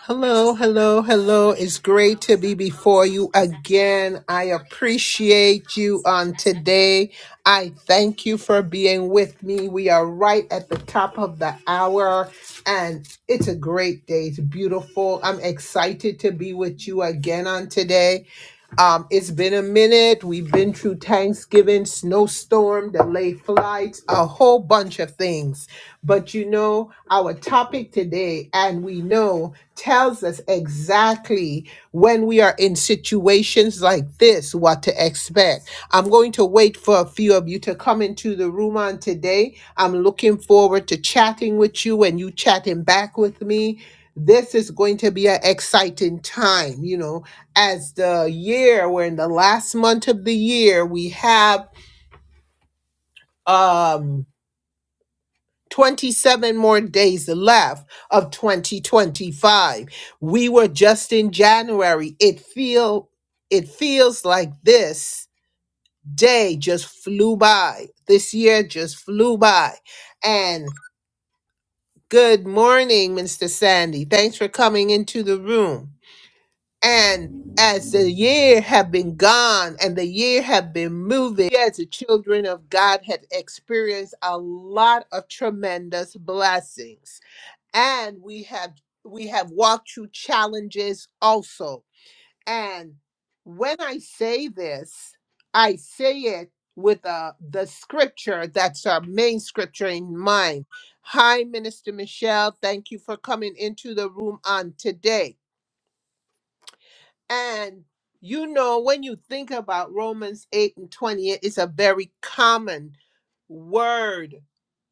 Hello, hello, hello. It's great to be before you again. I appreciate you on today. I thank you for being with me. We are right at the top of the hour and it's a great day. It's beautiful. I'm excited to be with you again on today. Um, it's been a minute. We've been through Thanksgiving, snowstorm, delayed flights, a whole bunch of things. But you know, our topic today, and we know, tells us exactly when we are in situations like this, what to expect. I'm going to wait for a few of you to come into the room on today. I'm looking forward to chatting with you and you chatting back with me. This is going to be an exciting time, you know as the year we're in the last month of the year we have um 27 more days left of 2025 we were just in january it feel it feels like this day just flew by this year just flew by and good morning mr sandy thanks for coming into the room And as the year have been gone and the year have been moving, we as the children of God have experienced a lot of tremendous blessings. And we have we have walked through challenges also. And when I say this, I say it with uh, the scripture that's our main scripture in mind. Hi, Minister Michelle. Thank you for coming into the room on today. And you know, when you think about Romans 8 and 20, it's a very common word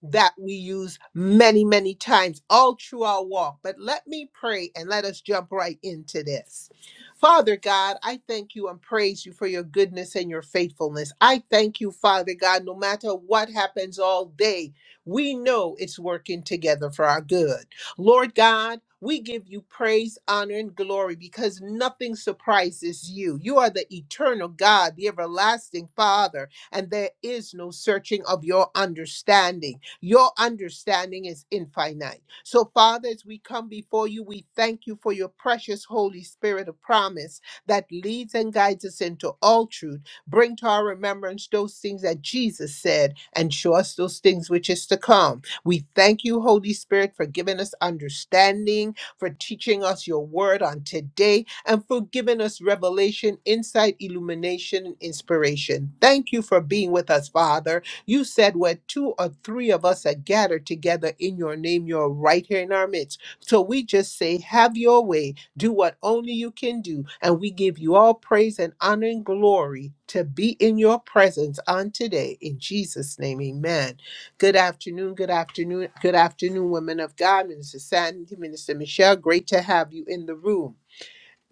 that we use many, many times all through our walk. But let me pray and let us jump right into this. Father God, I thank you and praise you for your goodness and your faithfulness. I thank you, Father God, no matter what happens all day, we know it's working together for our good. Lord God, we give you praise, honor, and glory because nothing surprises you. You are the eternal God, the everlasting Father and there is no searching of your understanding. Your understanding is infinite. So, Father, as we come before you, we thank you for your precious Holy Spirit of promise that leads and guides us into all truth. Bring to our remembrance those things that Jesus said and show us those things which is to come. We thank you, Holy Spirit, for giving us understanding, for teaching us your word on today and for giving us revelation, insight, illumination, and inspiration. Thank you for being with us, Father. You said where two or three of us are gathered together in your name, you're right here in our midst. So we just say, have your way. Do what only you can do. And we give you all praise and honor and glory to be in your presence on today. In Jesus' name, amen. Good afternoon, good afternoon, good afternoon, women of God, Minister Sandy, Minister Michelle. Great to have you in the room.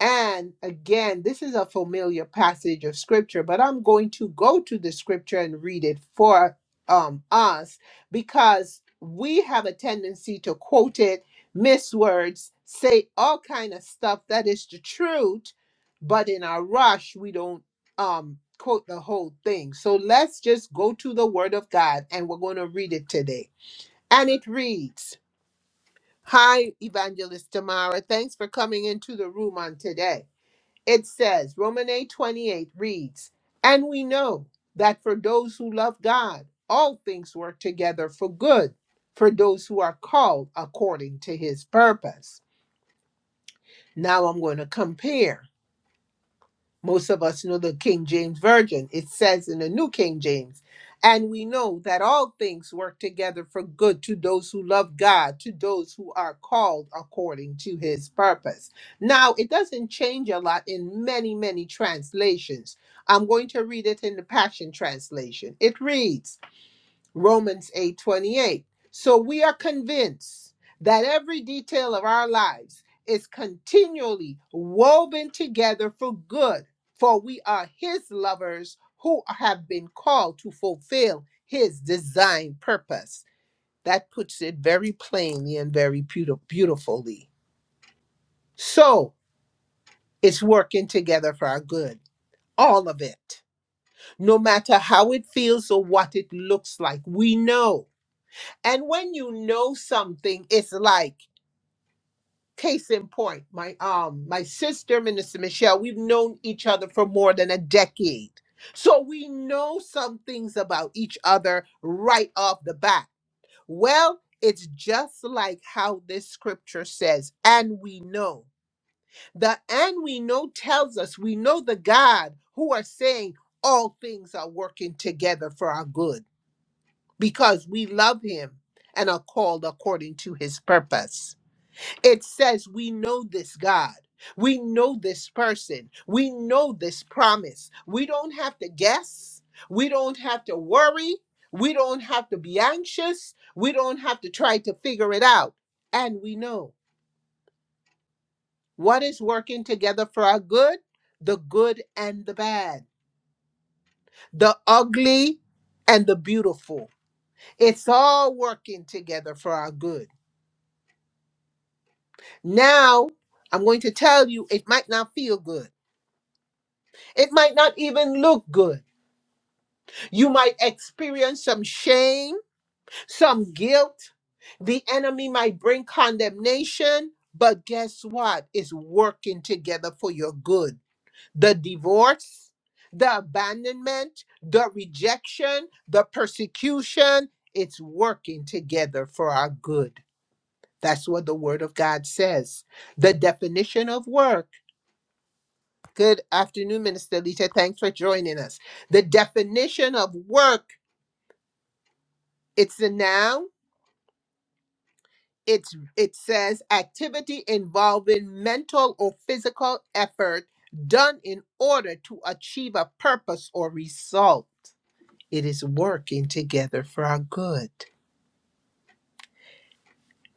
And again, this is a familiar passage of scripture, but I'm going to go to the scripture and read it for um, us because we have a tendency to quote it, miss words, say all kind of stuff that is the truth, but in our rush, we don't um, quote the whole thing. So let's just go to the word of God and we're going to read it today. And it reads, Hi, Evangelist Tamara. Thanks for coming into the room on today. It says, Romans 8 28 reads, And we know that for those who love God, all things work together for good, for those who are called according to his purpose. Now I'm going to compare. Most of us know the King James Version. It says in the New King James, and we know that all things work together for good to those who love God, to those who are called according to his purpose. Now, it doesn't change a lot in many, many translations. I'm going to read it in the Passion Translation. It reads, Romans 8 28. So we are convinced that every detail of our lives is continually woven together for good, for we are his lovers who have been called to fulfill his design purpose. That puts it very plainly and very beauti- beautifully. So it's working together for our good, all of it. No matter how it feels or what it looks like, we know And when you know something, it's like case in point. My um my sister, Minister Michelle, we've known each other for more than a decade. So we know some things about each other right off the bat. Well, it's just like how this scripture says, and we know. The and we know tells us we know the God who are saying all things are working together for our good because we love him and are called according to his purpose. It says we know this God. We know this person. We know this promise. We don't have to guess. We don't have to worry. We don't have to be anxious. We don't have to try to figure it out. And we know what is working together for our good the good and the bad, the ugly and the beautiful. It's all working together for our good Now, I'm going to tell you it might not feel good. It might not even look good. You might experience some shame, some guilt. The enemy might bring condemnation, but guess what? It's working together for your good. The divorce, the abandonment, the rejection, the persecution, it's working together for our good. That's what the Word of God says. The definition of work Good afternoon, Minister Lita. Thanks for joining us. The definition of work, it's a noun. It's it says activity involving mental or physical effort done in order to achieve a purpose or result. It is working together for our good.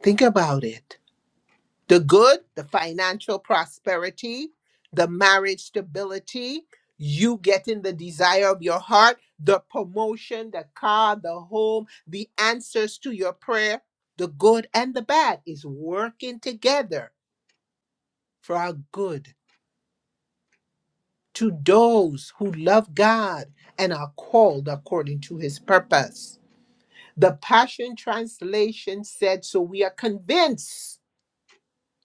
Think about it. the good, the financial prosperity, the marriage stability, you getting the desire of your heart, the promotion, the car, the home, the answers to your prayer, the good and the bad is working together for our good to those who love God and are called according to his purpose. The Passion Translation said, So we are convinced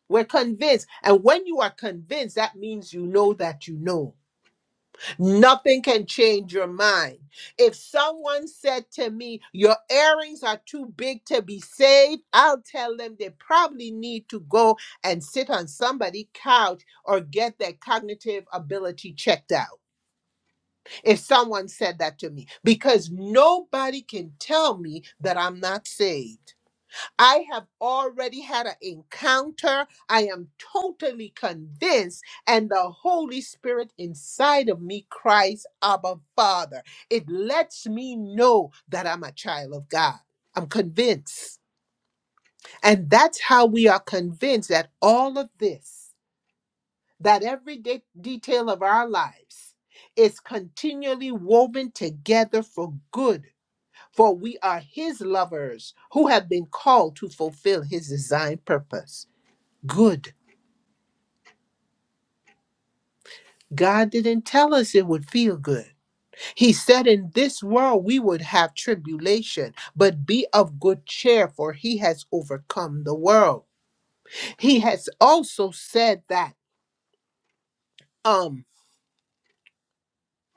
We're convinced. And when you are convinced, that means you know that you know. Nothing can change your mind. If someone said to me, Your earrings are too big to be saved, I'll tell them they probably need to go and sit on somebody's couch or get their cognitive ability checked out. If someone said that to me, because nobody can tell me that I'm not saved. I have already had an encounter. I am totally convinced, and the Holy Spirit inside of me cries, Abba, Father. It lets me know that I'm a child of God. I'm convinced. And that's how we are convinced that all of this, that every de- detail of our lives, is continually woven together for good for we are his lovers who have been called to fulfill his design purpose. Good. God didn't tell us it would feel good. He said in this world we would have tribulation, but be of good cheer, for he has overcome the world. He has also said that um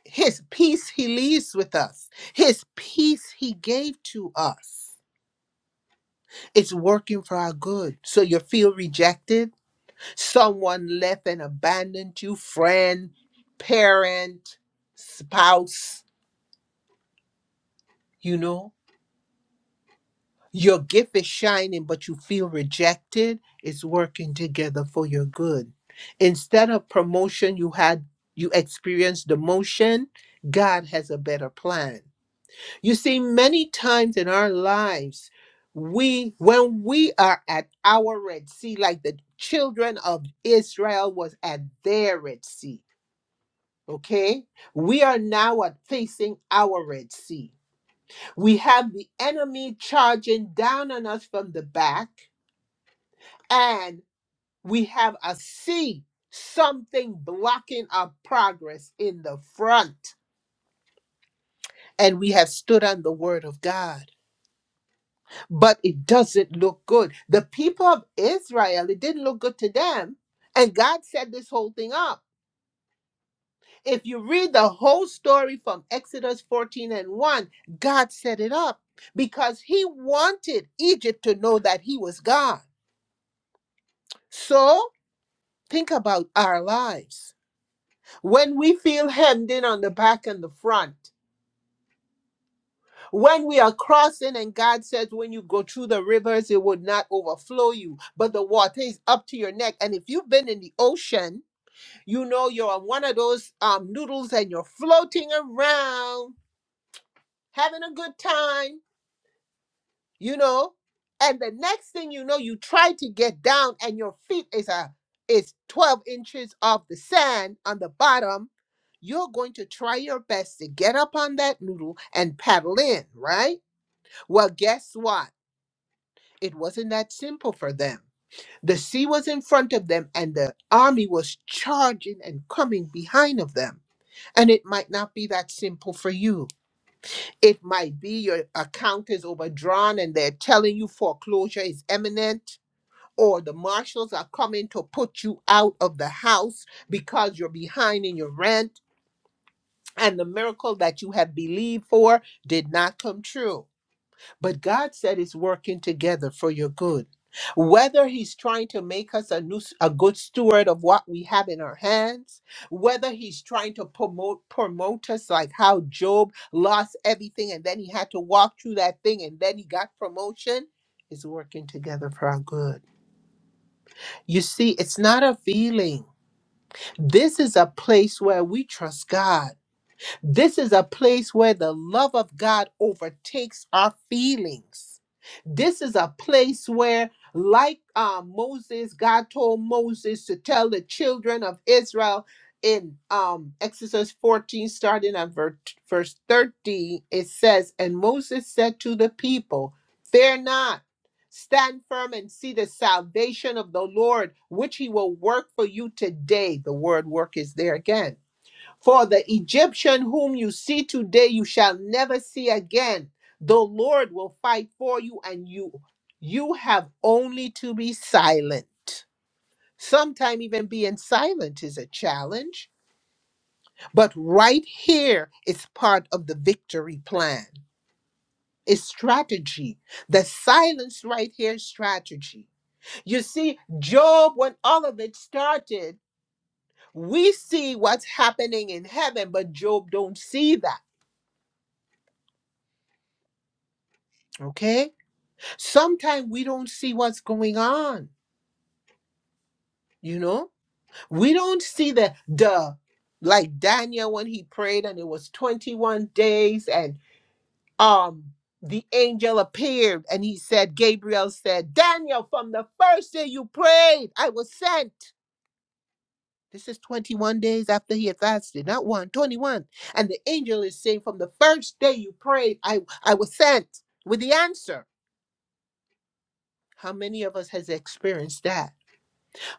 his peace he leaves with us. His peace he gave to us. It's working for our good. So you feel rejected? Someone left and abandoned you, friend, parent, spouse, you know. Your gift is shining, but you feel rejected. It's working together for your good. Instead of promotion, you had you experienced demotion. God has a better plan. You see, many times in our lives, we when we are at our Red Sea, like the children of Israel was at their Red Sea. Okay? We are now at facing our Red Sea. We have the enemy charging down on us from the back, and we have a sea, something blocking our progress in the front. And we have stood on the word of God. But it doesn't look good. The people of Israel, it didn't look good to them. And God set this whole thing up. If you read the whole story from Exodus 14 and 1, God set it up because he wanted Egypt to know that he was God. So think about our lives. When we feel hemmed in on the back and the front, when we are crossing and God says, when you go through the rivers, it would not overflow you, but the water is up to your neck. And if you've been in the ocean, you know you're on one of those um, noodles and you're floating around, having a good time you know and the next thing you know you try to get down and your feet is a is 12 inches of the sand on the bottom you're going to try your best to get up on that noodle and paddle in right well guess what it wasn't that simple for them the sea was in front of them and the army was charging and coming behind of them and it might not be that simple for you it might be your account is overdrawn and they're telling you foreclosure is imminent, or the marshals are coming to put you out of the house because you're behind in your rent and the miracle that you have believed for did not come true but God said it's working together for your good. Whether he's trying to make us a, new, a good steward of what we have in our hands, whether he's trying to promote promote us like how Job lost everything and then he had to walk through that thing and then he got promotion, it's working together for our good. You see, it's not a feeling. This is a place where we trust God. This is a place where the love of God overtakes our feelings. This is a place where, like uh, Moses, God told Moses to tell the children of Israel in um, Exodus 14, starting at ver- verse 13, it says, And Moses said to the people, Fear not. Stand firm and see the salvation of the Lord, which he will work for you today. The word work is there again for the Egyptian whom you see today, you shall never see again. The Lord will fight for you, and you you have only to be silent. Sometimes even being silent is a challenge, but right here it's part of the victory plan. It's strategy. The silence right here is strategy. You see, Job, when all of it started, we see what's happening in heaven, but Job don't see that. Okay? Sometimes we don't see what's going on, you know? We don't see the the like Daniel when he prayed and it was 21 days and um the angel appeared and he said Gabriel said, "Daniel, from the first day you prayed, I was sent." This is 21 days after he had fasted, not one, 21, And the angel is saying, "From the first day you prayed, I I was sent with the answer." How many of us has experienced that?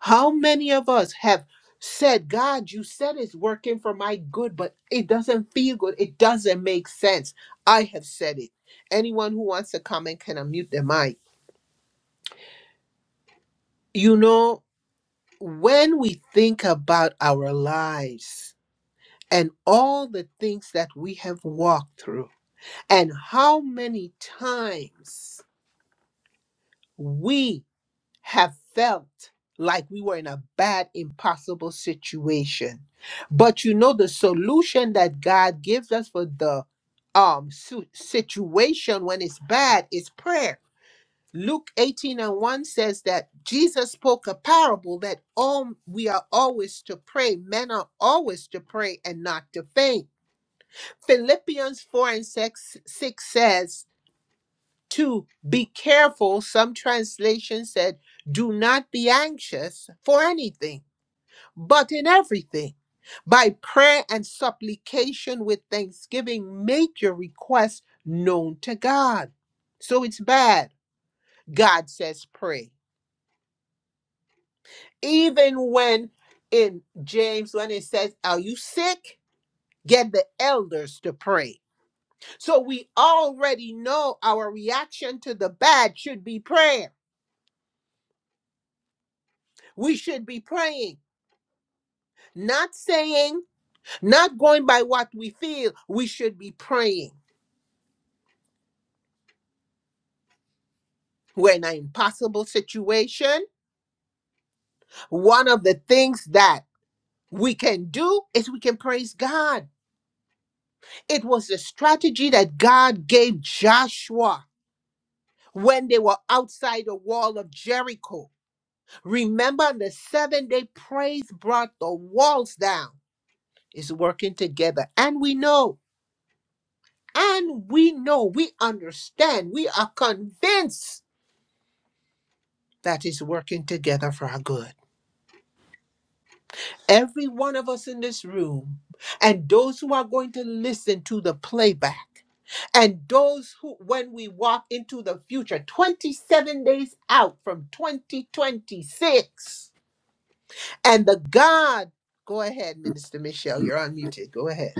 How many of us have said, God, you said it's working for my good, but it doesn't feel good. It doesn't make sense. I have said it. Anyone who wants to comment can unmute their mic. You know, when we think about our lives and all the things that we have walked through, and how many times we have felt like we were in a bad, impossible situation. But you know, the solution that God gives us for the um su- situation when it's bad is prayer. Luke 18 and 1 says that Jesus spoke a parable that all we are always to pray. Men are always to pray and not to faint. Philippians 4 and 6, 6 says, to be careful. Some translations said, do not be anxious for anything, but in everything. By prayer and supplication with thanksgiving, make your requests known to God. So it's bad. God says pray. Even when in James, when it says, Are you sick? Get the elders to pray. So we already know our reaction to the bad should be prayer. We should be praying Not saying, not going by what we feel, we should be praying. We're in an impossible situation. One of the things that we can do is we can praise God. It was the strategy that God gave Joshua when they were outside the wall of Jericho. Remember, on the seventh day, praise brought the walls down. It's working together. And we know, and we know, we understand, we are convinced that is working together for our good. Every one of us in this room, and those who are going to listen to the playback, and those who, when we walk into the future, 27 days out from 2026, and the God, go ahead, Minister Michelle, you're unmuted, go ahead.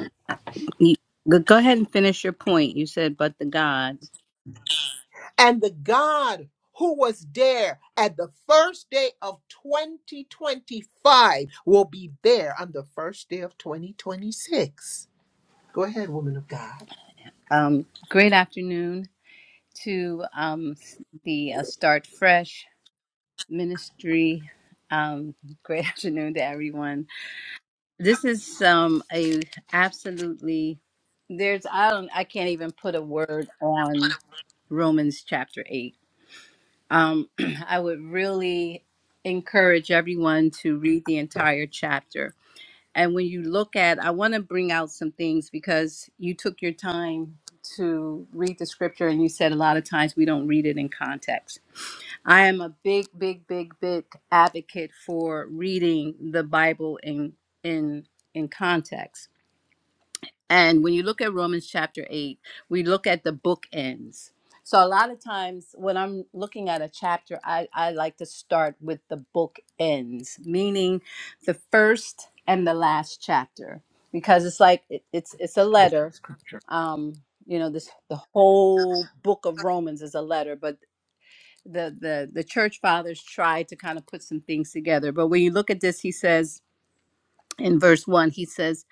You- Go go ahead and finish your point. You said, but the God. And the God who was there at the first day of 2025 will be there on the first day of 2026 Go ahead, woman of God. Um, great afternoon to um, s- the uh, Start Fresh ministry. Um, great afternoon to everyone. This is um, a absolutely there's I don't I can't even put a word on Romans chapter eight. Um, I would really encourage everyone to read the entire chapter and when you look at i want to bring out some things because you took your time to read the scripture and you said a lot of times we don't read it in context i am a big big big big advocate for reading the bible in in in context and when you look at Romans chapter 8, we look at the bookends. So a lot of times when I'm looking at a chapter, I, I like to start with the bookends, meaning the first and the last chapter, because it's like it, it's it's a letter. Um, you know, this the whole book of Romans is a letter, but the the the church fathers tried to kind of put some things together. But when you look at this, he says in verse 1, he says,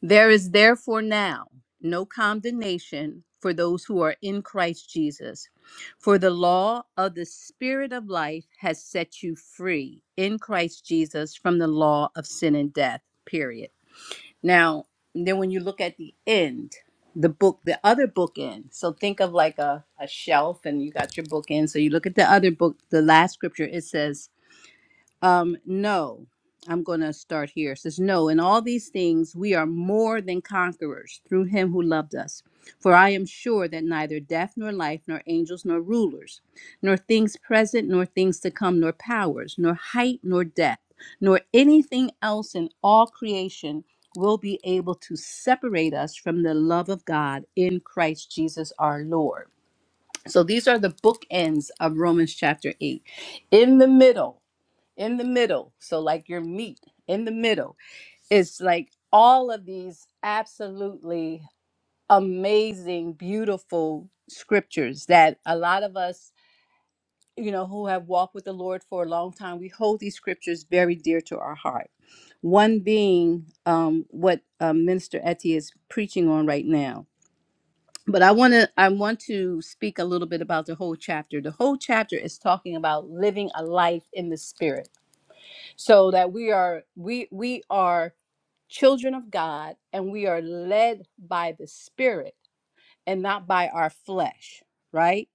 There is therefore now no condemnation for those who are in Christ Jesus. For the law of the Spirit of life has set you free in Christ Jesus from the law of sin and death. Period. Now, then when you look at the end, the book, the other bookend. So think of like a, a shelf and you got your bookend. So you look at the other book, the last scripture, it says, um, no, I'm going to start here. It says, No, in all these things we are more than conquerors through him who loved us. For I am sure that neither death nor life, nor angels nor rulers, nor things present nor things to come, nor powers, nor height nor depth, nor anything else in all creation will be able to separate us from the love of God in Christ Jesus our Lord. So these are the bookends of Romans chapter 8. In the middle, in the middle. So, like your meat in the middle. It's like all of these absolutely amazing, beautiful scriptures that a lot of us, you know, who have walked with the Lord for a long time, we hold these scriptures very dear to our heart. One being um, what um, Minister Etty is preaching on right now. But I want to I want to speak a little bit about the whole chapter. The whole chapter is talking about living a life in the spirit so that we are we we are children of God and we are led by the Spirit and not by our flesh, right?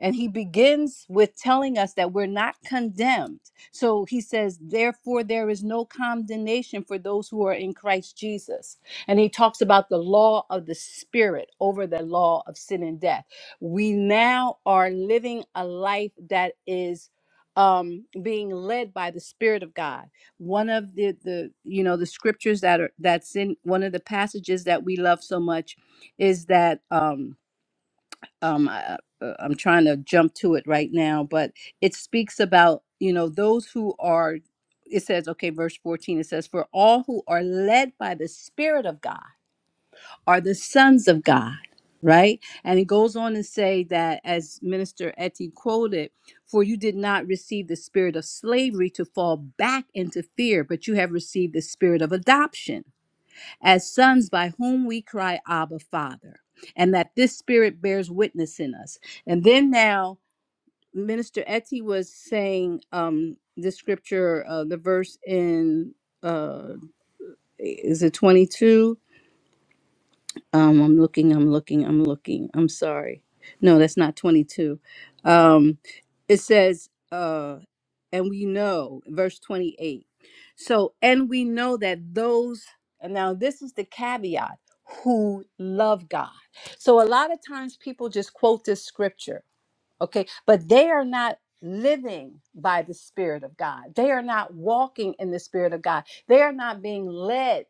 And he begins with telling us that we're not condemned. So he says, Therefore, there is no condemnation for those who are in Christ Jesus. And he talks about the law of the Spirit over the law of sin and death. We now are living a life that is um being led by the spirit of god one of the the you know the scriptures that are that's in one of the passages that we love so much is that um um I, uh, uh, I'm trying to jump to it right now, but it speaks about, you know, those who are it says okay verse 14 it says for all who are led by the spirit of God are the sons of God, right? And it goes on to say that as minister Etty quoted, for you did not receive the spirit of slavery to fall back into fear, but you have received the spirit of adoption as sons by whom we cry, Abba, Father, and that this spirit bears witness in us. And then now, Minister Etty was saying um, the scripture, uh, the verse in, uh, is it 22? Um, I'm looking, I'm looking, I'm looking. I'm sorry. No, that's not 22. Um, it says, uh, and we know, verse 28. So, and we know that those, and now this is the caveat, who love God. So, a lot of times people just quote this scripture, okay, but they are not living by the Spirit of God. They are not walking in the Spirit of God. They are not being led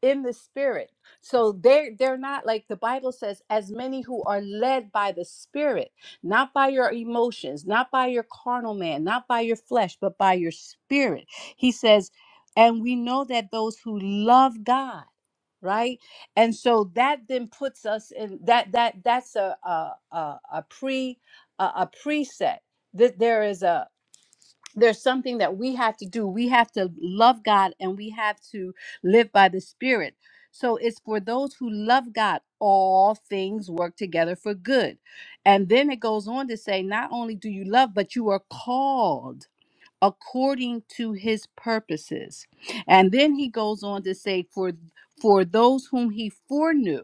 in the spirit so they're they're not like the bible says as many who are led by the spirit not by your emotions not by your carnal man not by your flesh but by your spirit he says and we know that those who love god right and so that then puts us in that that that's a a a, a pre a, a preset that there is there's something that we have to do. We have to love God and we have to live by the Spirit. So it's for those who love God, all things work together for good. And then it goes on to say, not only do you love, but you are called according to his purposes. And then he goes on to say, for for those whom he foreknew,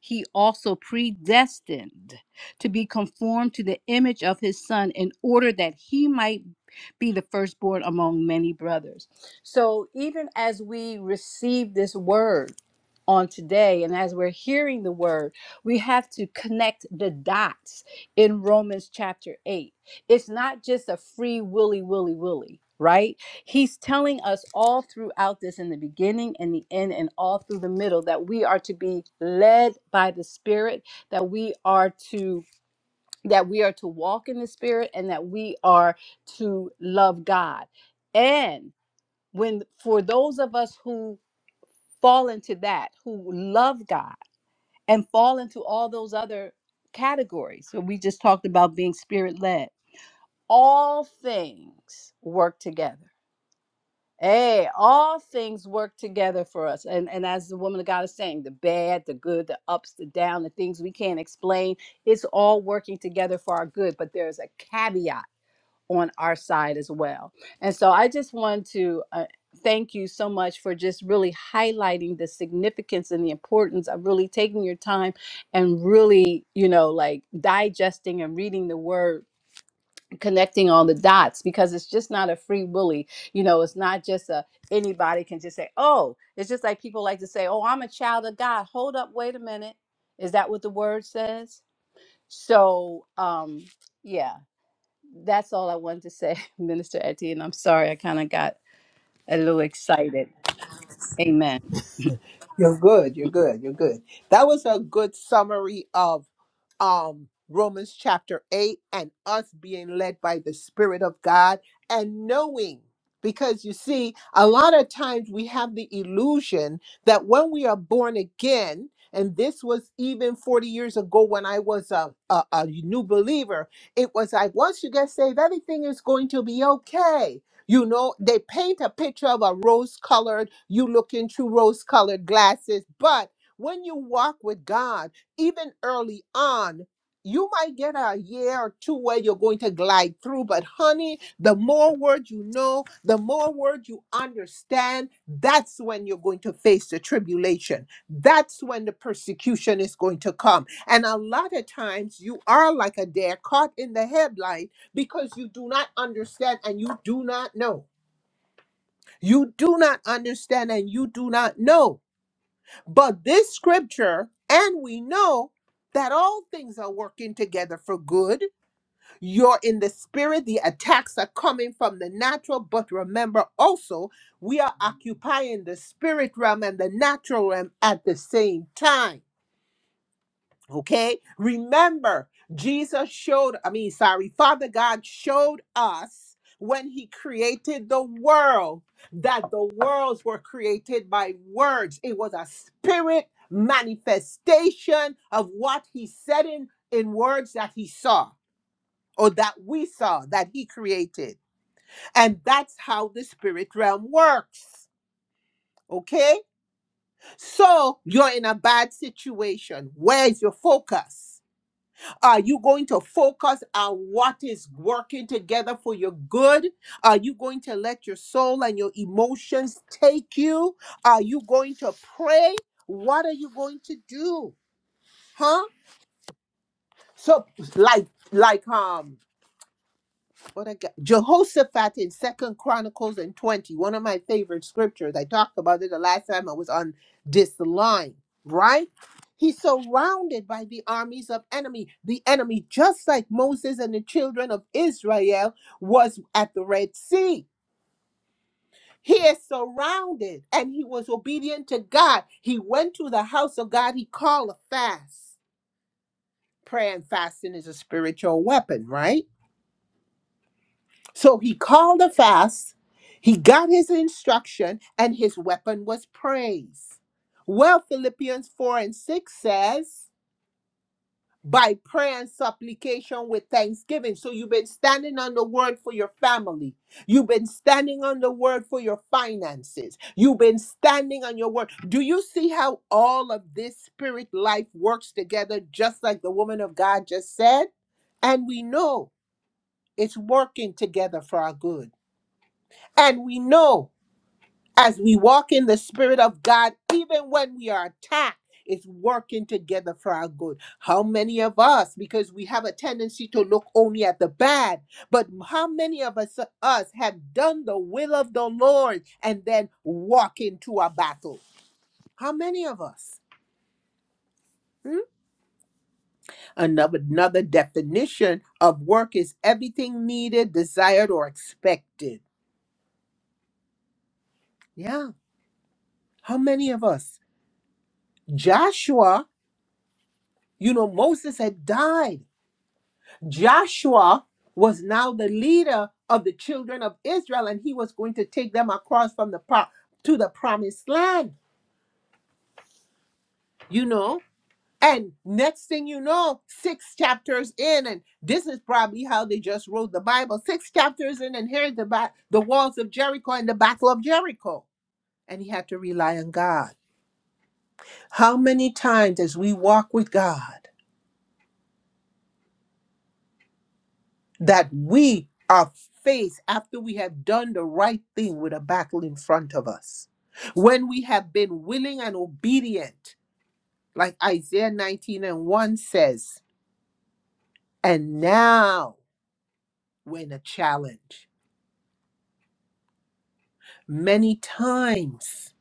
he also predestined to be conformed to the image of his son in order that he might be the firstborn among many brothers. So even as we receive this word on today and as we're hearing the word, we have to connect the dots in Romans chapter 8. It's not just a free willy willy willy, right? He's telling us all throughout this in the beginning and the end and all through the middle that we are to be led by the spirit, that we are to that we are to walk in the spirit and that we are to love God. And when for those of us who fall into that, who love God and fall into all those other categories, so we just talked about being spirit led, all things work together. Hey, all things work together for us. And and as the woman of God is saying, the bad, the good, the ups, the down, the things we can't explain, it's all working together for our good. But there's a caveat on our side as well. And so I just want to uh, thank you so much for just really highlighting the significance and the importance of really taking your time and really, you know, like digesting and reading the word connecting all the dots because it's just not a free willy you know it's not just a anybody can just say oh it's just like people like to say oh i'm a child of god hold up wait a minute is that what the word says so um yeah that's all I wanted to say, Minister Etienne. I'm sorry, I kind of got a little excited. Amen. You're good. You're good. You're good. That was a good summary of um Romans chapter 8 and us being led by the spirit of God and knowing because you see a lot of times we have the illusion that when we are born again and this was even 40 years ago when I was a, a, a new believer. It was like, once you get saved, everything is going to be okay You know, they paint a picture of a rose colored, you looking through rose colored glasses. But when you walk with God, even early on, you might get a year or two where you're going to glide through. But honey, the more word you know, the more word you understand, that's when you're going to face the tribulation. That's when the persecution is going to come. And a lot of times you are like a deer caught in the headlight because you do not understand and you do not know. You do not understand and you do not know. But this scripture, and we know that all things are working together for good. You're in the spirit, the attacks are coming from the natural, but remember also, we are occupying the spirit realm and the natural realm at the same time Okay. Remember, Jesus showed, I mean, sorry, Father God showed us when he created the world that the worlds were created by words. It was a spirit manifestation of what he said in, in words that he saw or that we saw that he created. And that's how the spirit realm works. Okay. So you're in a bad situation. Where's your focus? Are you going to focus on what is working together for your good? Are you going to let your soul and your emotions take you? Are you going to pray? What are you going to do? Huh? So like like um what I got Jehoshaphat in Second Chronicles and twenty, one of my favorite scriptures. I talked about it the last time I was on this line, right? He's surrounded by the armies of enemy. The enemy, just like Moses and the children of Israel, was at the Red Sea. He is surrounded and he was obedient to God. He went to the house of God. He called a fast. Prayer and fasting is a spiritual weapon, right? So he called a fast, he got his instruction, and his weapon was praise. Well, Philippians 4 and 6 says, by prayer and supplication with thanksgiving. So you've been standing on the word for your family. You've been standing on the word for your finances. You've been standing on your word. Do you see how all of this spirit life works together, just like the woman of God just said? And we know it's working together for our good. And we know as we walk in the Spirit of God, even when we are attacked, it's working together for our good. How many of us, because we have a tendency to look only at the bad, but how many of us, us have done the will of the Lord and then walk into a battle? How many of us? Hmm? Another, another definition of work is everything needed, desired, or expected. Yeah. How many of us? Joshua You know, Moses had died. Joshua was now the leader of the children of Israel, and he was going to take them across from the pro- to the promised land, you know. And next thing you know, six chapters in, and this is probably how they just wrote the Bible. Six chapters in, and here's the ba- the walls of Jericho and the battle of Jericho. And he had to rely on God. How many times as we walk with God? that we are faced after we have done the right thing with a battle in front of us. When we have been willing and obedient, like Isaiah 19 and 1 says, and now we're in a challenge. Many times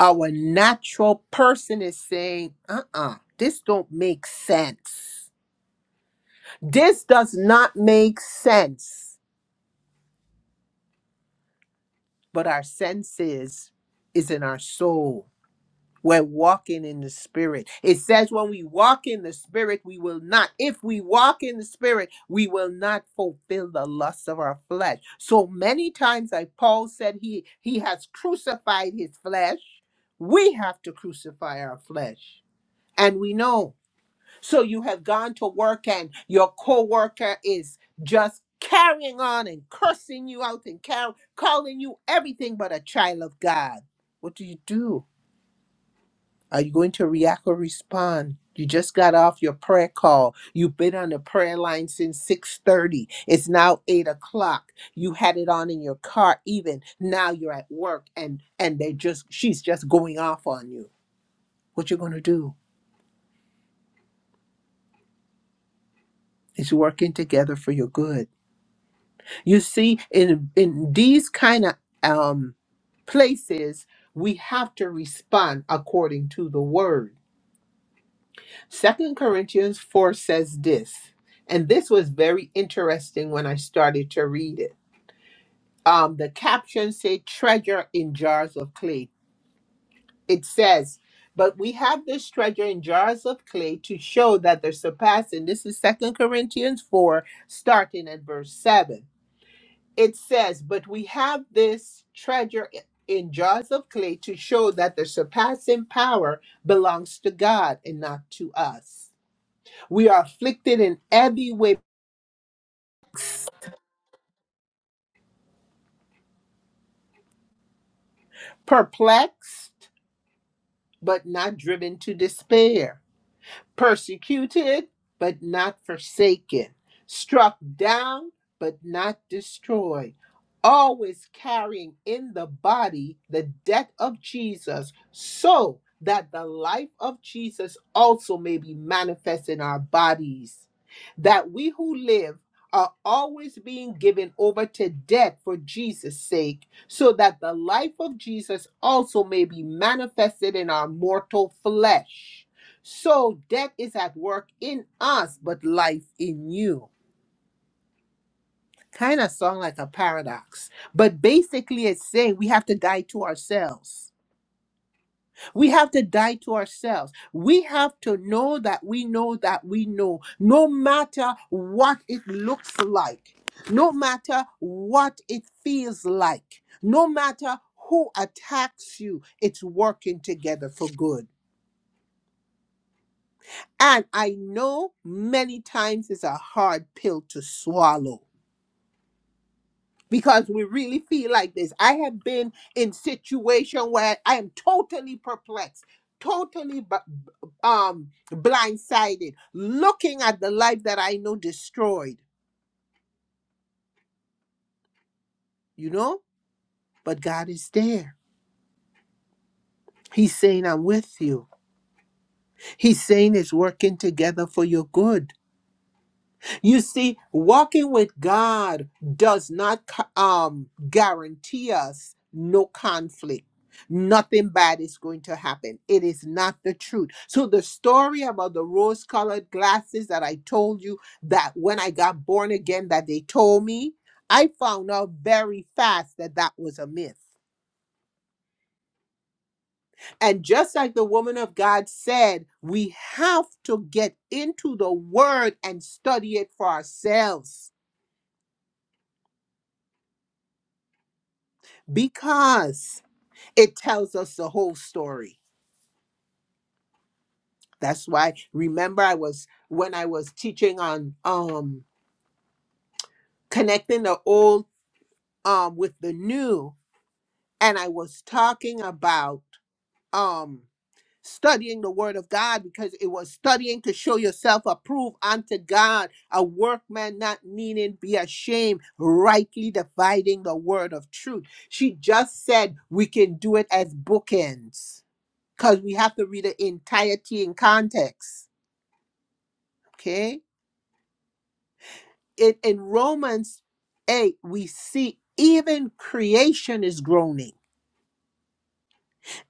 our natural person is saying, uh-uh, this don't make sense. This does not make sense. But our senses is in our soul We're walking in the spirit. It says, when we walk in the spirit, we will not, if we walk in the spirit, we will not fulfill the lusts of our flesh. So many times, like Paul said, he, he has crucified his flesh. We have to crucify our flesh. And we know. So you have gone to work and your coworker is just carrying on and cursing you out and car- calling you everything but a child of God. What do you do? Are you going to react or respond? You just got off your prayer call. You've been on the prayer line since 6:30. It's now 8 o'clock. You had it on in your car even. Now you're at work and and they just she's just going off on you. What you are gonna do? It's working together for your good. You see, in in these kind of um places, we have to respond according to the word Second Corinthians 4 says this, and this was very interesting when I started to read it. Um, the caption said treasure in jars of clay. It says, but we have this treasure in jars of clay to show that the surpassing. This is Second Corinthians 4, starting at verse 7. It says, but we have this treasure in jars of clay to show that the surpassing power belongs to God and not to us. We are afflicted in every way, perplexed, but not driven to despair. persecuted, but not forsaken, struck down, but not destroyed, always carrying in the body the death of Jesus, so that the life of Jesus also may be manifest in our bodies. That we who live are always being given over to death for Jesus' sake, so that the life of Jesus also may be manifested in our mortal flesh. So death is at work in us, but life in you. Kind of sound like a paradox. But basically, it's saying we have to die to ourselves. We have to die to ourselves. We have to know that we know that we know, no matter what it looks like, no matter what it feels like, no matter who attacks you, it's working together for good. And I know many times it's a hard pill to swallow because we really feel like this. I have been in situation where I am totally perplexed, totally bu- um blindsided, looking at the life that I know destroyed, you know? But God is there. He's saying, I'm with you. He's saying it's working together for your good. You see, walking with God does not c- um, guarantee us no conflict. Nothing bad is going to happen. It is not the truth. So, the story about the rose colored glasses that I told you that when I got born again, that they told me, I found out very fast that that was a myth. And just like the woman of God said, we have to get into the word and study it for ourselves because it tells us the whole story that's why remember i was when i was teaching on um connecting the old um with the new and i was talking about um studying the word of god because it was studying to show yourself approved unto god a workman not needing be ashamed rightly dividing the word of truth she just said we can do it as bookends because we have to read the entirety in context Okay. In, in Romans 8, we see even creation is groaning.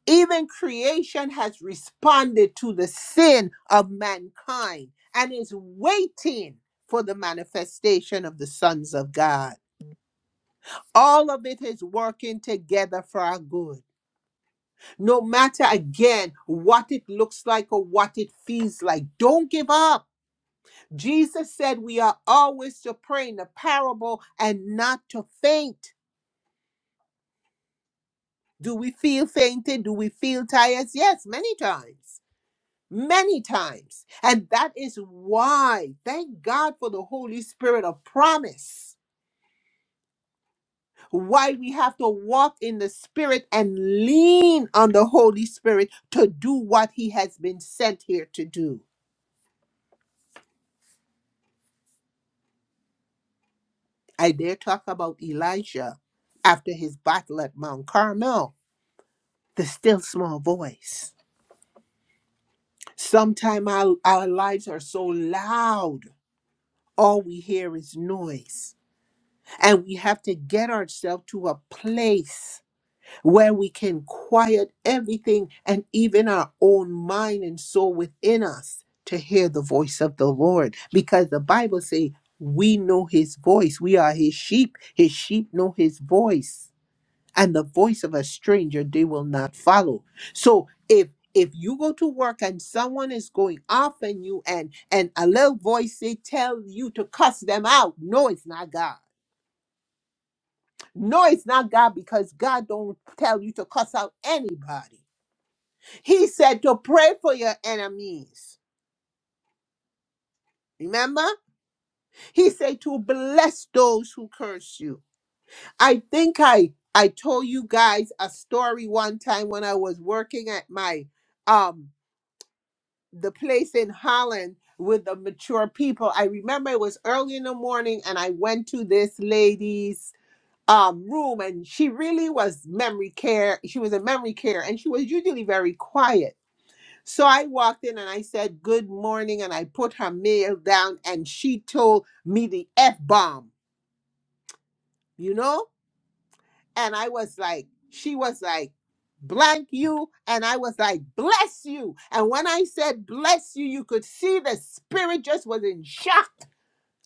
Even creation has responded to the sin of mankind and is waiting for the manifestation of the sons of God. All of it is working together for our good. No matter again what it looks like or what it feels like, don't give up. Jesus said we are always to pray in the parable and not to faint. Do we feel fainted? Do we feel tired? Yes, many times. Many times. And that is why, thank God for the Holy Spirit of promise, why we have to walk in the Spirit and lean on the Holy Spirit to do what He has been sent here to do. I dare talk about Elijah after his battle at Mount Carmel, the still small voice. Sometimes our, our lives are so loud all we hear is noise. And we have to get ourselves to a place where we can quiet everything and even our own mind and soul within us to hear the voice of the Lord. Because the Bible says, we know his voice. We are his sheep. His sheep know his voice and the voice of a stranger they will not follow so if if you go to work and someone is going off on you and and a little voice they tell you to cuss them out no it's not god no it's not god because god don't tell you to cuss out anybody he said to pray for your enemies remember he said to bless those who curse you i think i i told you guys a story one time when i was working at my um the place in Holland with the mature people. I remember it was early in the morning and I went to this lady's um room and she really was memory care. She was in memory care and she was usually very quiet. So I walked in and I said good morning and I put her mail down and she told me the F bomb, you know? And I was like, she was like, blank you. And I was like, bless you. And when I said bless you, you could see the spirit just was in shock.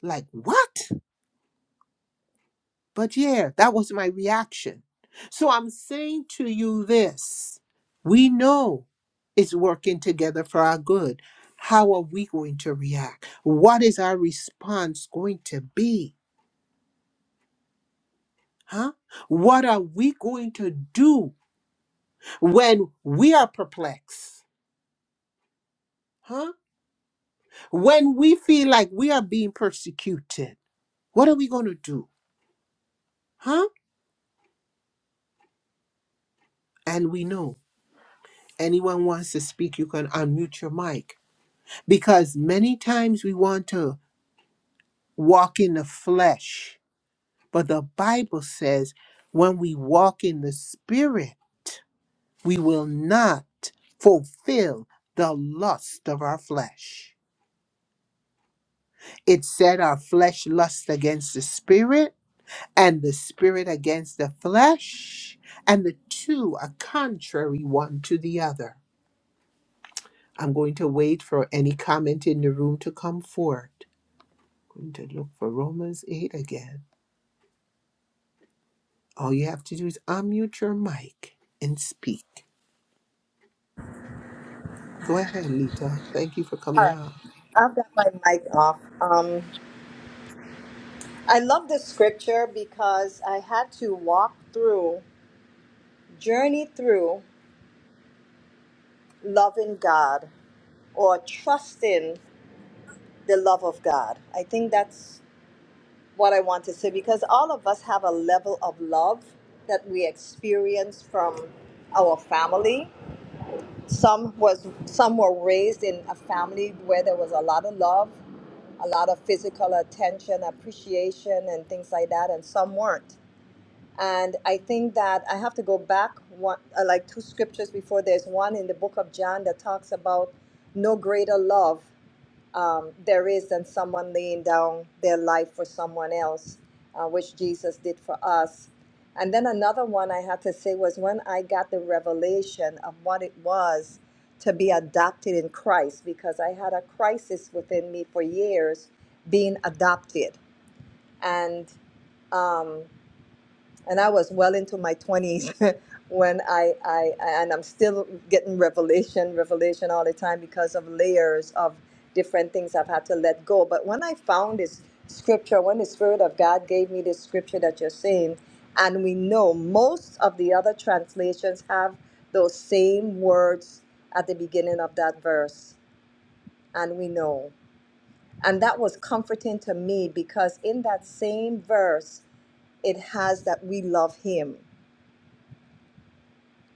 Like, what? But yeah, that was my reaction. So I'm saying to you this we know it's working together for our good. How are we going to react? What is our response going to be? Huh? What are we going to do when we are perplexed? Huh? When we feel like we are being persecuted, what are we going to do? Huh? And we know. Anyone wants to speak, you can unmute your mic. Because many times we want to walk in the flesh, but the Bible says when we walk in the spirit, we will not fulfill the lust of our flesh. It said our flesh lusts against the spirit and the spirit against the flesh, and the two are contrary one to the other. I'm going to wait for any comment in the room to come forward. going to look for Romans 8 again. All you have to do is unmute your mic and speak. Go ahead, Lita. Thank you for All coming right, on. I've got my mic off. Um, I love this scripture because I had to walk through, journey through loving God or trusting the love of God. I think that's what I want to say because all of us have a level of love that we experience from our family. Some was some were raised in a family where there was a lot of love. a lot of physical attention, appreciation, and things like that, and some weren't. And I think that I have to go back one, uh, like two scriptures before. There's one in the book of John that talks about no greater love um, there is than someone laying down their life for someone else, uh, which Jesus did for us. And then another one I had to say was when I got the revelation of what it was to be adopted in Christ, because I had a crisis within me for years being adopted. And um, and I was well into my 20s when I, I and I'm still getting revelation, revelation all the time because of layers of different things I've had to let go. But when I found this scripture, when the Spirit of God gave me this scripture that you're saying, and we know most of the other translations have those same words at the beginning of that verse, and we know. And that was comforting to me because in that same verse, it has that we love Him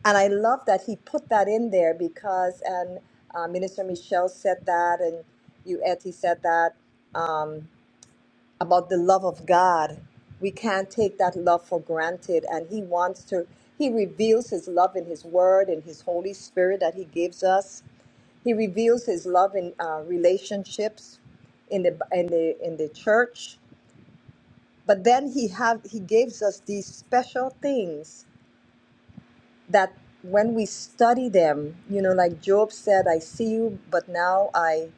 And I love that he put that in there because, and uh, Minister Michelle said that, and you, Etty, said that um, about the love of God. We can't take that love for granted. And he wants to, he reveals his love in his word and his Holy Spirit that he gives us. He reveals his love in uh, relationships in the in the in the church, but then he have he gives us these special things that when we study them, you know, like Job said, I see you, but now I,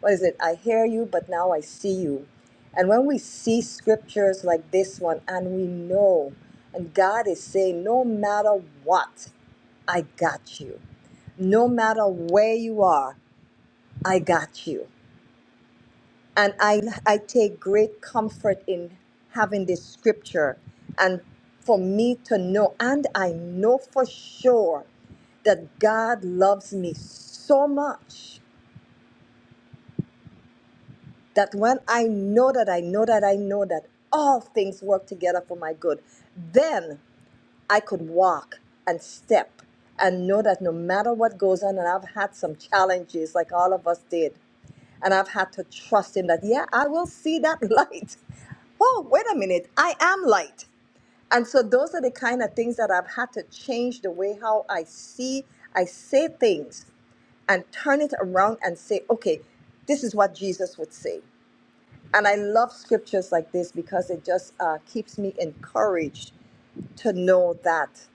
what is it? I hear you, but now I see you. And when we see scriptures like this one and we know, and God is saying, no matter what, I got you. No matter where you are, I got you and I I take great comfort in having this scripture and for me to know and I know for sure that God loves me so much that when I know that I know that I know that all things work together for my good then I could walk and step and know that no matter what goes on, and I've had some challenges like all of us did, and I've had to trust Him that, yeah, I will see that light. Oh, wait a minute, I am light. And so those are the kind of things that I've had to change the way how I see, I say things and turn it around and say, okay, this is what Jesus would say. And I love scriptures like this because it just uh, keeps me encouraged to know that.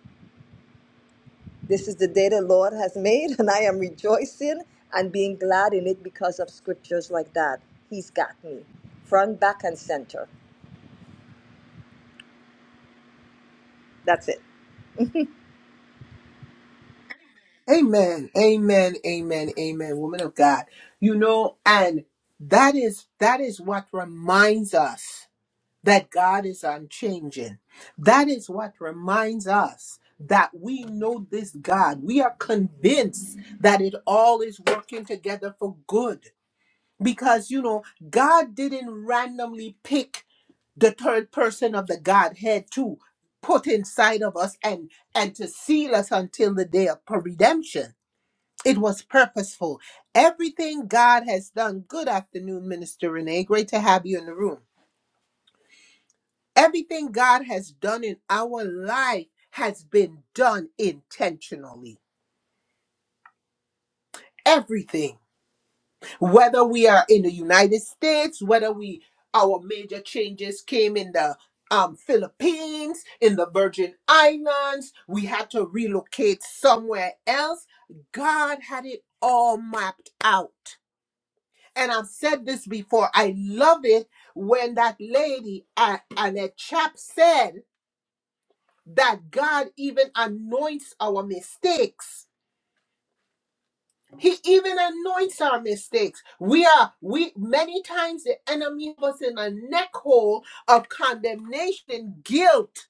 This is the day the Lord has made, and I am rejoicing and being glad in it because of scriptures like that. He's got me front, back, and center. That's it. Amen. Amen. Amen. Amen. Woman of God. You know, and that is that is what reminds us. that God is unchanging. That is what reminds us that we know this God. We are convinced that it all is working together for good because, you know, God didn't randomly pick the third person of the Godhead to put inside of us and and to seal us until the day of redemption. It was purposeful. Everything God has done. Good afternoon, Minister Renee. Great to have you in the room. Everything God has done in our life has been done intentionally. Everything. Whether we are in the United States, whether we our major changes came in the um, Philippines, in the Virgin Islands, we had to relocate somewhere else. God had it all mapped out. And I've said this before, I love it when that lady, uh, Annette Chap, said, that God even anoints our mistakes. He even anoints our mistakes. We are we many times the enemy of us in a neck hole of condemnation, guilt,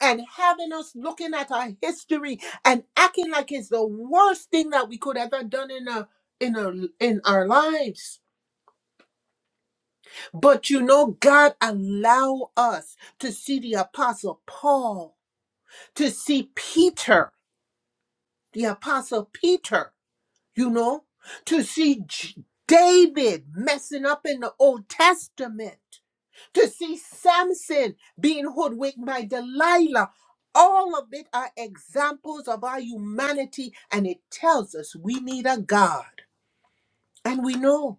and having us looking at our history and acting like it's the worst thing that we could ever done in a in our in our lives. But you know, God allow us to see the apostle Paul, to see Peter, the apostle Peter you know, to see J- David messing up in the Old Testament, to see Samson being hoodwinked by Delilah. All of it are examples of our humanity, and it tells us we need a God. And we know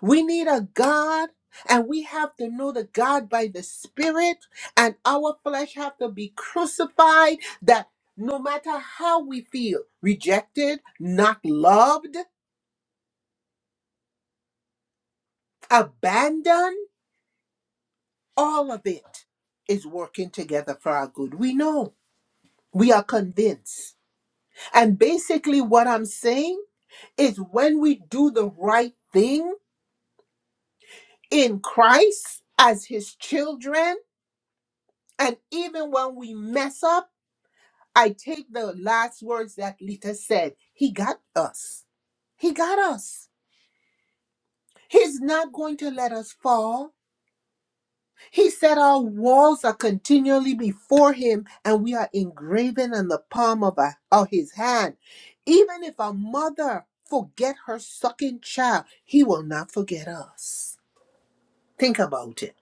we need a God, and we have to know the God by the Spirit, and our flesh have to be crucified that no matter how we feel rejected, not loved, abandon all of it is working together for our good. We know. We are convinced. And basically, what I'm saying is when we do the right thing in Christ as his children, and even when we mess up, I take the last words that Lita said He got us. He got us. He's not going to let us fall. He said, Our walls are continually before him, and we are engraven on the palm of, our, of his hand. Even if a mother forget her sucking child, he will not forget us. Think about it.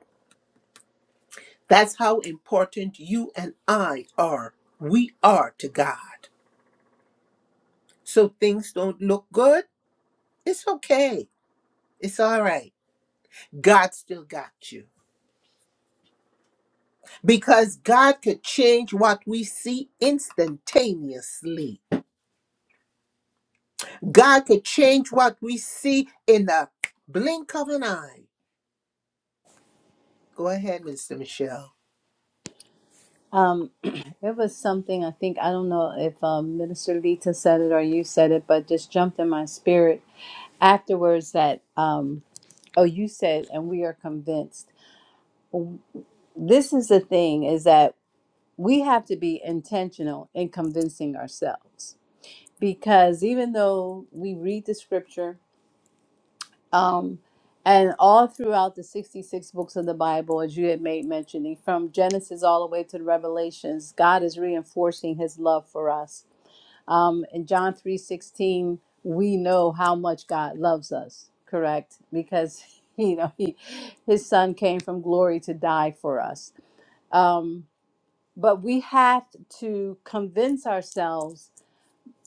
That's how important you and I are. We are to God. So things don't look good. It's okay. It's all right. God still got you. Because God could change what we see instantaneously. God could change what we see in the blink of an eye. Go ahead, Mr. Michelle. Um, it was something I think I don't know if um, Minister Lita said it or you said it, but just jumped in my spirit afterwards that um oh you said and we are convinced this is the thing is that we have to be intentional in convincing ourselves because even though we read the scripture um and all throughout the 66 books of the bible as you had made mentioning from genesis all the way to the revelations god is reinforcing his love for us Um, in John 3:16, we know how much God loves us, correct? Because you know, he, his son came from glory to die for us. Um, but we have to convince ourselves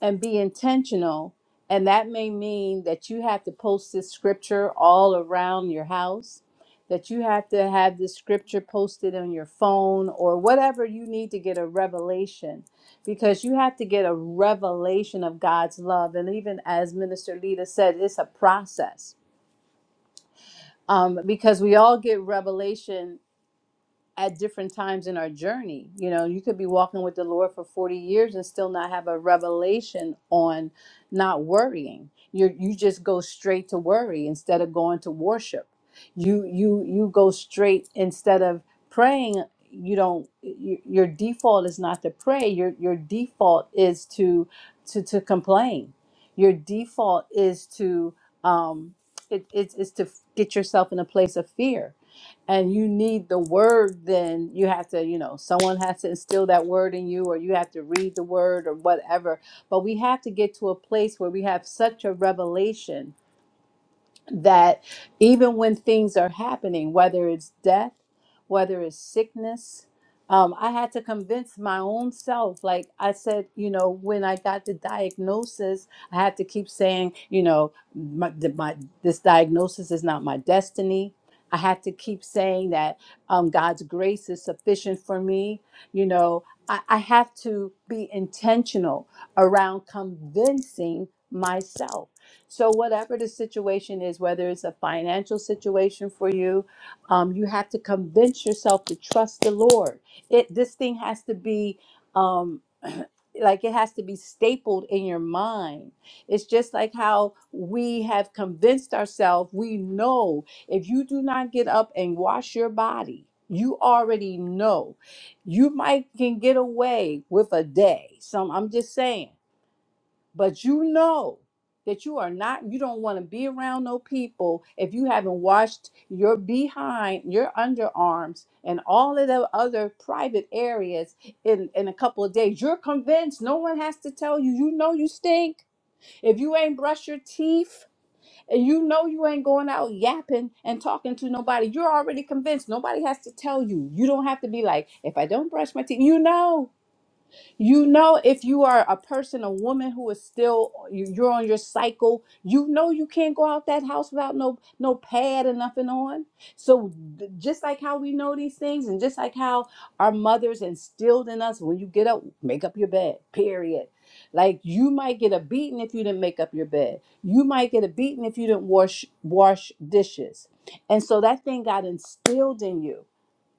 and be intentional. And that may mean that you have to post this scripture all around your house, that you have to have this scripture posted on your phone or whatever you need to get a revelation, because you have to get a revelation of God's love. And even as Minister Lita said, it's a process um, because we all get revelation at different times in our journey. You know, you could be walking with the Lord for 40 years and still not have a revelation on not worrying. You you just go straight to worry instead of going to worship. You you you go straight instead of praying you don't you, your default is not to pray your your default is to to to complain your default is to um it, it's it's to get yourself in a place of fear and you need the word then you have to you know someone has to instill that word in you or you have to read the word or whatever but we have to get to a place where we have such a revelation that even when things are happening, whether it's death, whether it's sickness, um, I had to convince my own self. Like I said, you know, when I got the diagnosis, I had to keep saying, you know, my, the, my this diagnosis is not my destiny. I had to keep saying that um, God's grace is sufficient for me. You know, I, I have to be intentional around convincing myself so, whatever the situation is, whether it's a financial situation for you, um, you have to convince yourself to trust the Lord. It this thing has to be. Um, like it has to be stapled in your mind. It's just like how we have convinced ourselves we know if you do not get up and wash your body, you already know. You might can get away with a day. Some I'm just saying but you know that you are not, you don't want to be around no people if you haven't washed your behind, your underarms, and all of the other private areas in, in a couple of days. You're convinced no one has to tell you. You know you stink. If you ain't brush your teeth and you know you ain't going out yapping and talking to nobody, you're already convinced. Nobody has to tell you. You don't have to be like, if I don't brush my teeth, you know. You know, if you are a person, a woman who is still you- you're on your cycle, you know you can't go out that house without no no pad and nothing on. So th- just like how we know these things, and just like how our mothers instilled in us, when you get up, make up your bed. Period. Like you might get a beating if you didn't make up your bed. You might get a beating if you didn't wash wash dishes. And so that thing got instilled in you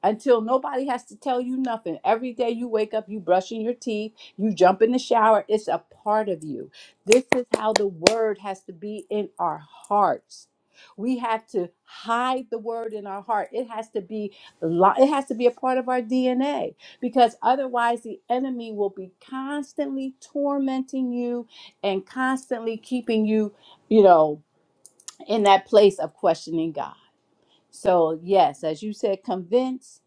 until nobody has to tell you nothing. Every day you wake up, you brushing your teeth, you jump in the shower, it's a part of you. This is how the word has to be in our hearts. We have to hide the word in our heart. It has to be li- it has to be a part of our DNA because otherwise the enemy will be constantly tormenting you and constantly keeping you, you know, in that place of questioning God. So, yes, as you said, convince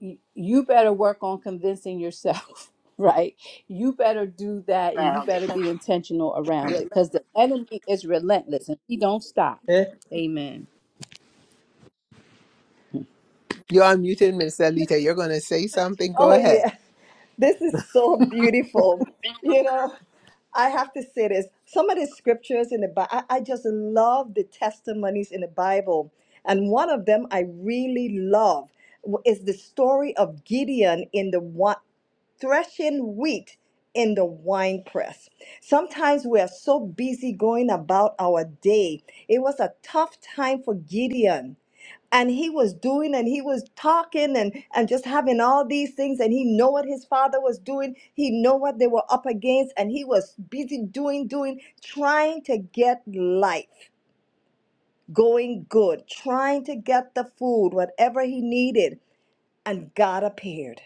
y- you better work on convincing yourself, right? You better do that and you better be intentional around it because the enemy is relentless and he don't stop. Eh. Amen. You're unmuted, Miss Lita. You're going to say something. Go Oh, ahead. yeah. This is so beautiful. You know, I have to say this. Some of the scriptures in the Bible, I, I just love the testimonies in the Bible. And one of them I really love w- is the story of Gideon in the one, threshing wheat in the wine press. Sometimes we are so busy going about our day. It was a tough time for Gideon and he was doing and he was talking and and just having all these things and he know what his father was doing he know what they were up against and he was busy doing doing trying to get life going good trying to get the food whatever he needed and god appeared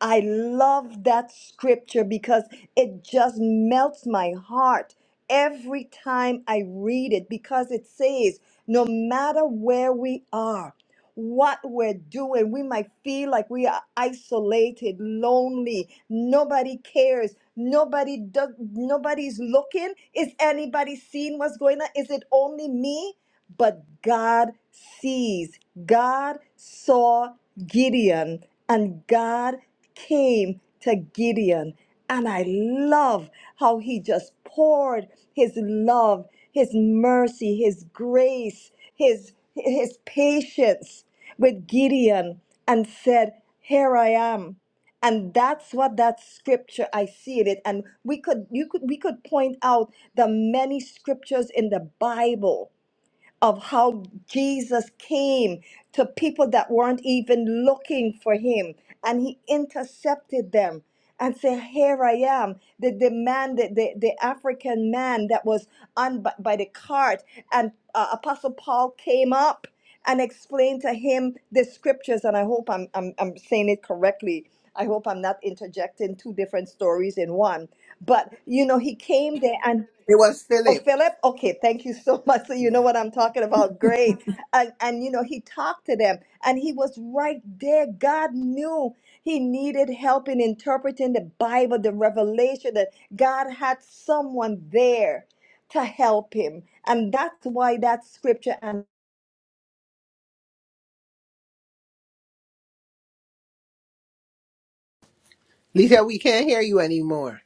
I love that scripture because it just melts my heart every time I read it because it says, no matter where we are, what we're doing, we might feel like we are isolated, lonely, nobody cares, nobody does, nobody's looking. Is anybody seeing what's going on? Is it only me? But God sees. God saw Gideon and God came to Gideon. And I love how he just poured his love, his mercy, his grace, his, his patience with Gideon and said, Here I am. And that's what that scripture I see it. And we could you could we could point out the many scriptures in the Bible of how Jesus came to people that weren't even looking for him and he intercepted them and said, Here I am. The, the man, the, the, the African man that was on b- by the cart, and uh, Apostle Paul came up and explained to him the scriptures. And I hope I'm, I'm, I'm saying it correctly. I hope I'm not interjecting two different stories in one. But, you know, he came there and. It was Oh, Philip. Philip? Okay, thank you so much. So you Yeah. know what I'm talking about. Great. And and you know, he talked to them and he was right there. God knew he needed help in interpreting the Bible, the revelation that God had someone there to help him. And that's why that scripture and Lita, we can't hear you anymore.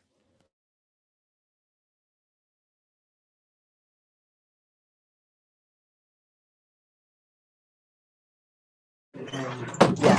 Yeah.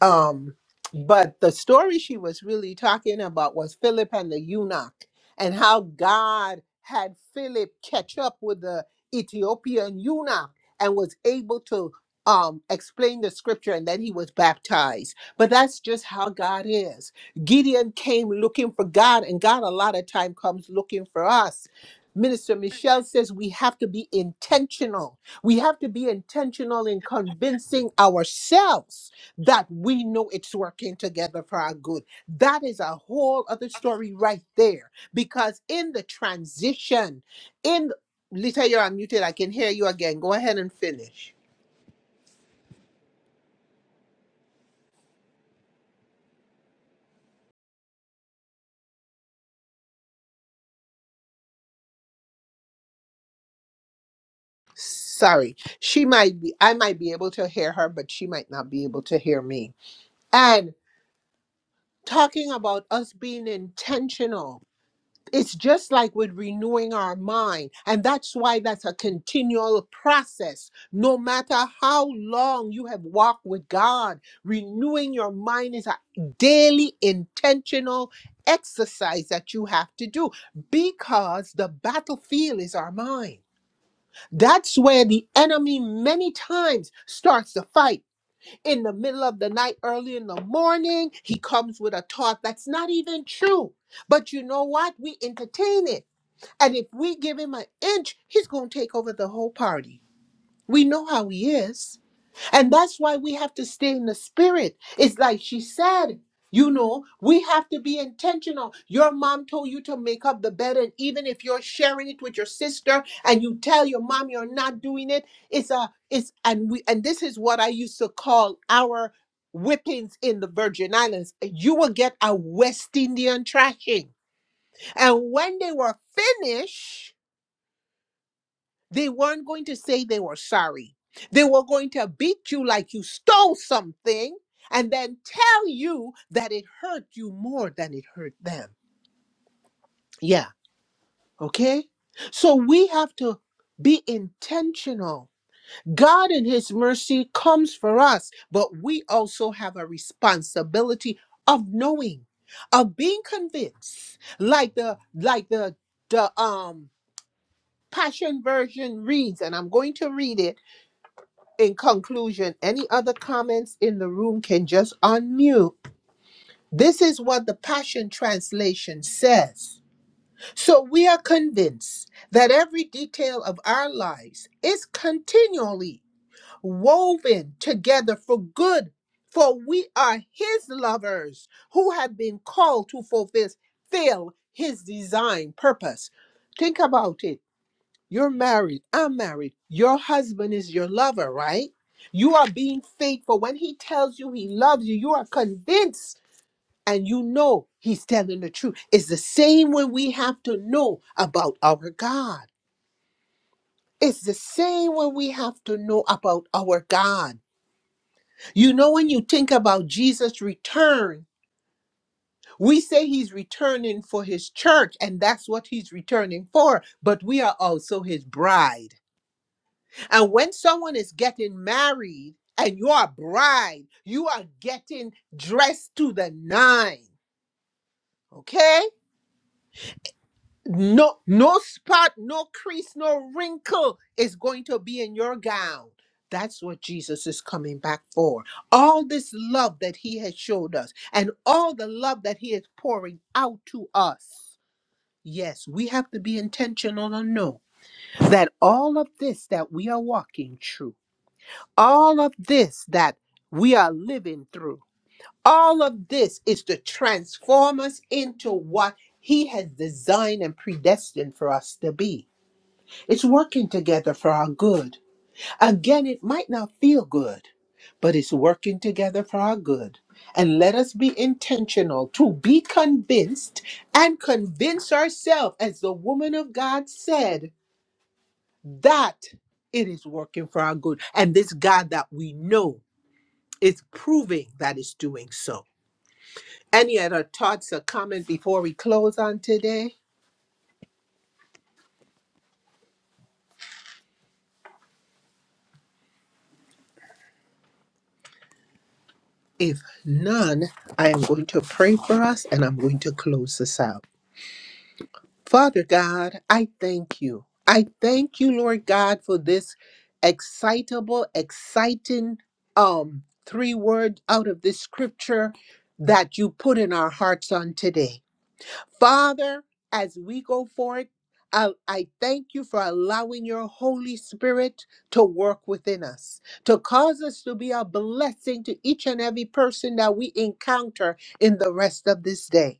Um, but the story she was really talking about was Philip and the eunuch and how God had Philip catch up with the Ethiopian eunuch and was able to um, explain the scripture and then he was baptized. But that's just how God is. Gideon came looking for God, and God a lot of time comes looking for us. Minister Michelle says we have to be intentional. We have to be intentional in convincing ourselves that we know it's working together for our good. That is a whole other story right there. Because in the transition, in Lita, you're unmuted. I can hear you again. Go ahead and finish. Sorry. She might be, I might be able to hear her, but she might not be able to hear me. And talking about us being intentional it's just like with renewing our mind and that's why that's a continual process no matter how long you have walked with god renewing your mind is a daily intentional exercise that you have to do because the battlefield is our mind that's where the enemy many times starts the fight in the middle of the night early in the morning he comes with a thought that's not even true but you know what? We entertain it and if we give him an inch, he's going to take over the whole party. We know how he is. And that's why we have to stay in the spirit. It's like she said, you know, we have to be intentional. Your mom told you to make up the bed. And even if you're sharing it with your sister and you tell your mom you're not doing it, it's a, it's, and we, and this is what I used to call our whippings in the Virgin Islands. You will get a West Indian thrashing, And when they were finished, they weren't going to say they were sorry. They were going to beat you like you stole something and then tell you that it hurt you more than it hurt them. Yeah, okay? So we have to be intentional. God in his mercy comes for us, but we also have a responsibility of knowing, of being convinced. Like the like the the um Passion Version reads and I'm going to read it in conclusion, any other comments in the room can just unmute. This is what the Passion Translation says. So we are convinced that every detail of our lives is continually woven together for good, for we are His lovers who have been called to fulfill fulfill His design purpose. Think about it. You're married. I'm married. Your husband is your lover, right? You are being faithful. When he tells you he loves you, you are convinced and you know he's telling the truth. It's the same when we have to know about our God. It's the same when we have to know about our God. You know, when you think about Jesus' return, we say he's returning for his church, and that's what he's returning for, but we are also his bride. And when someone is getting married and you're a bride, you are getting dressed to the nine. Okay? No, no spot, no crease, no wrinkle is going to be in your gown. That's what Jesus is coming back for. All this love that he has showed us and all the love that he is pouring out to us. Yes, we have to be intentional And know that all of this that we are walking through. all of this that we are living through, all of this is to transform us into what He has designed and predestined for us to be. It's working together for our good. Again, it might not feel good, but it's working together for our good. And let us be intentional to be convinced and convince ourselves, as the woman of God said, that it is working for our good. And this God that we know it's proving that it's doing so. Any other thoughts or comment before we close on today? If none, I am going to pray for us and I'm going to close this out. Father God, I thank you. I thank you, Lord God, for this excitable, exciting um three word out of this scripture that you put in our hearts on today. Father, as we go forward, I, I thank you for allowing your Holy Spirit to work within us, to cause us to be a blessing to each and every person that we encounter in the rest of this day.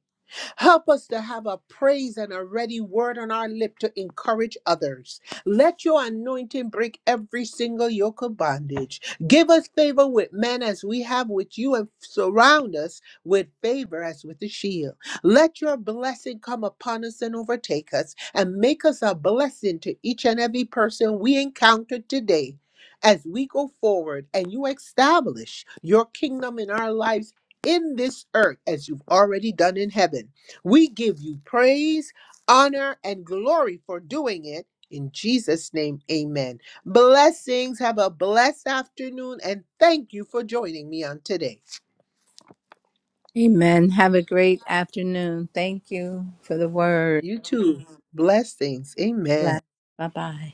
Help us to have a praise and a ready word on our lip to encourage others. Let your anointing break every single yoke of bondage. Give us favor with men as we have with you, and surround us with favor as with a shield. Let your blessing come upon us and overtake us, and make us a blessing to each and every person we encounter today. As we go forward and you establish your kingdom in our lives in this earth as you've already done in heaven. We give you praise, honor, and glory for doing it. In Jesus' name, amen. Blessings. Have a blessed afternoon, and thank you for joining me on today. Amen. Have a great afternoon. Thank you for the word. You too. Blessings. Amen. Bye bye.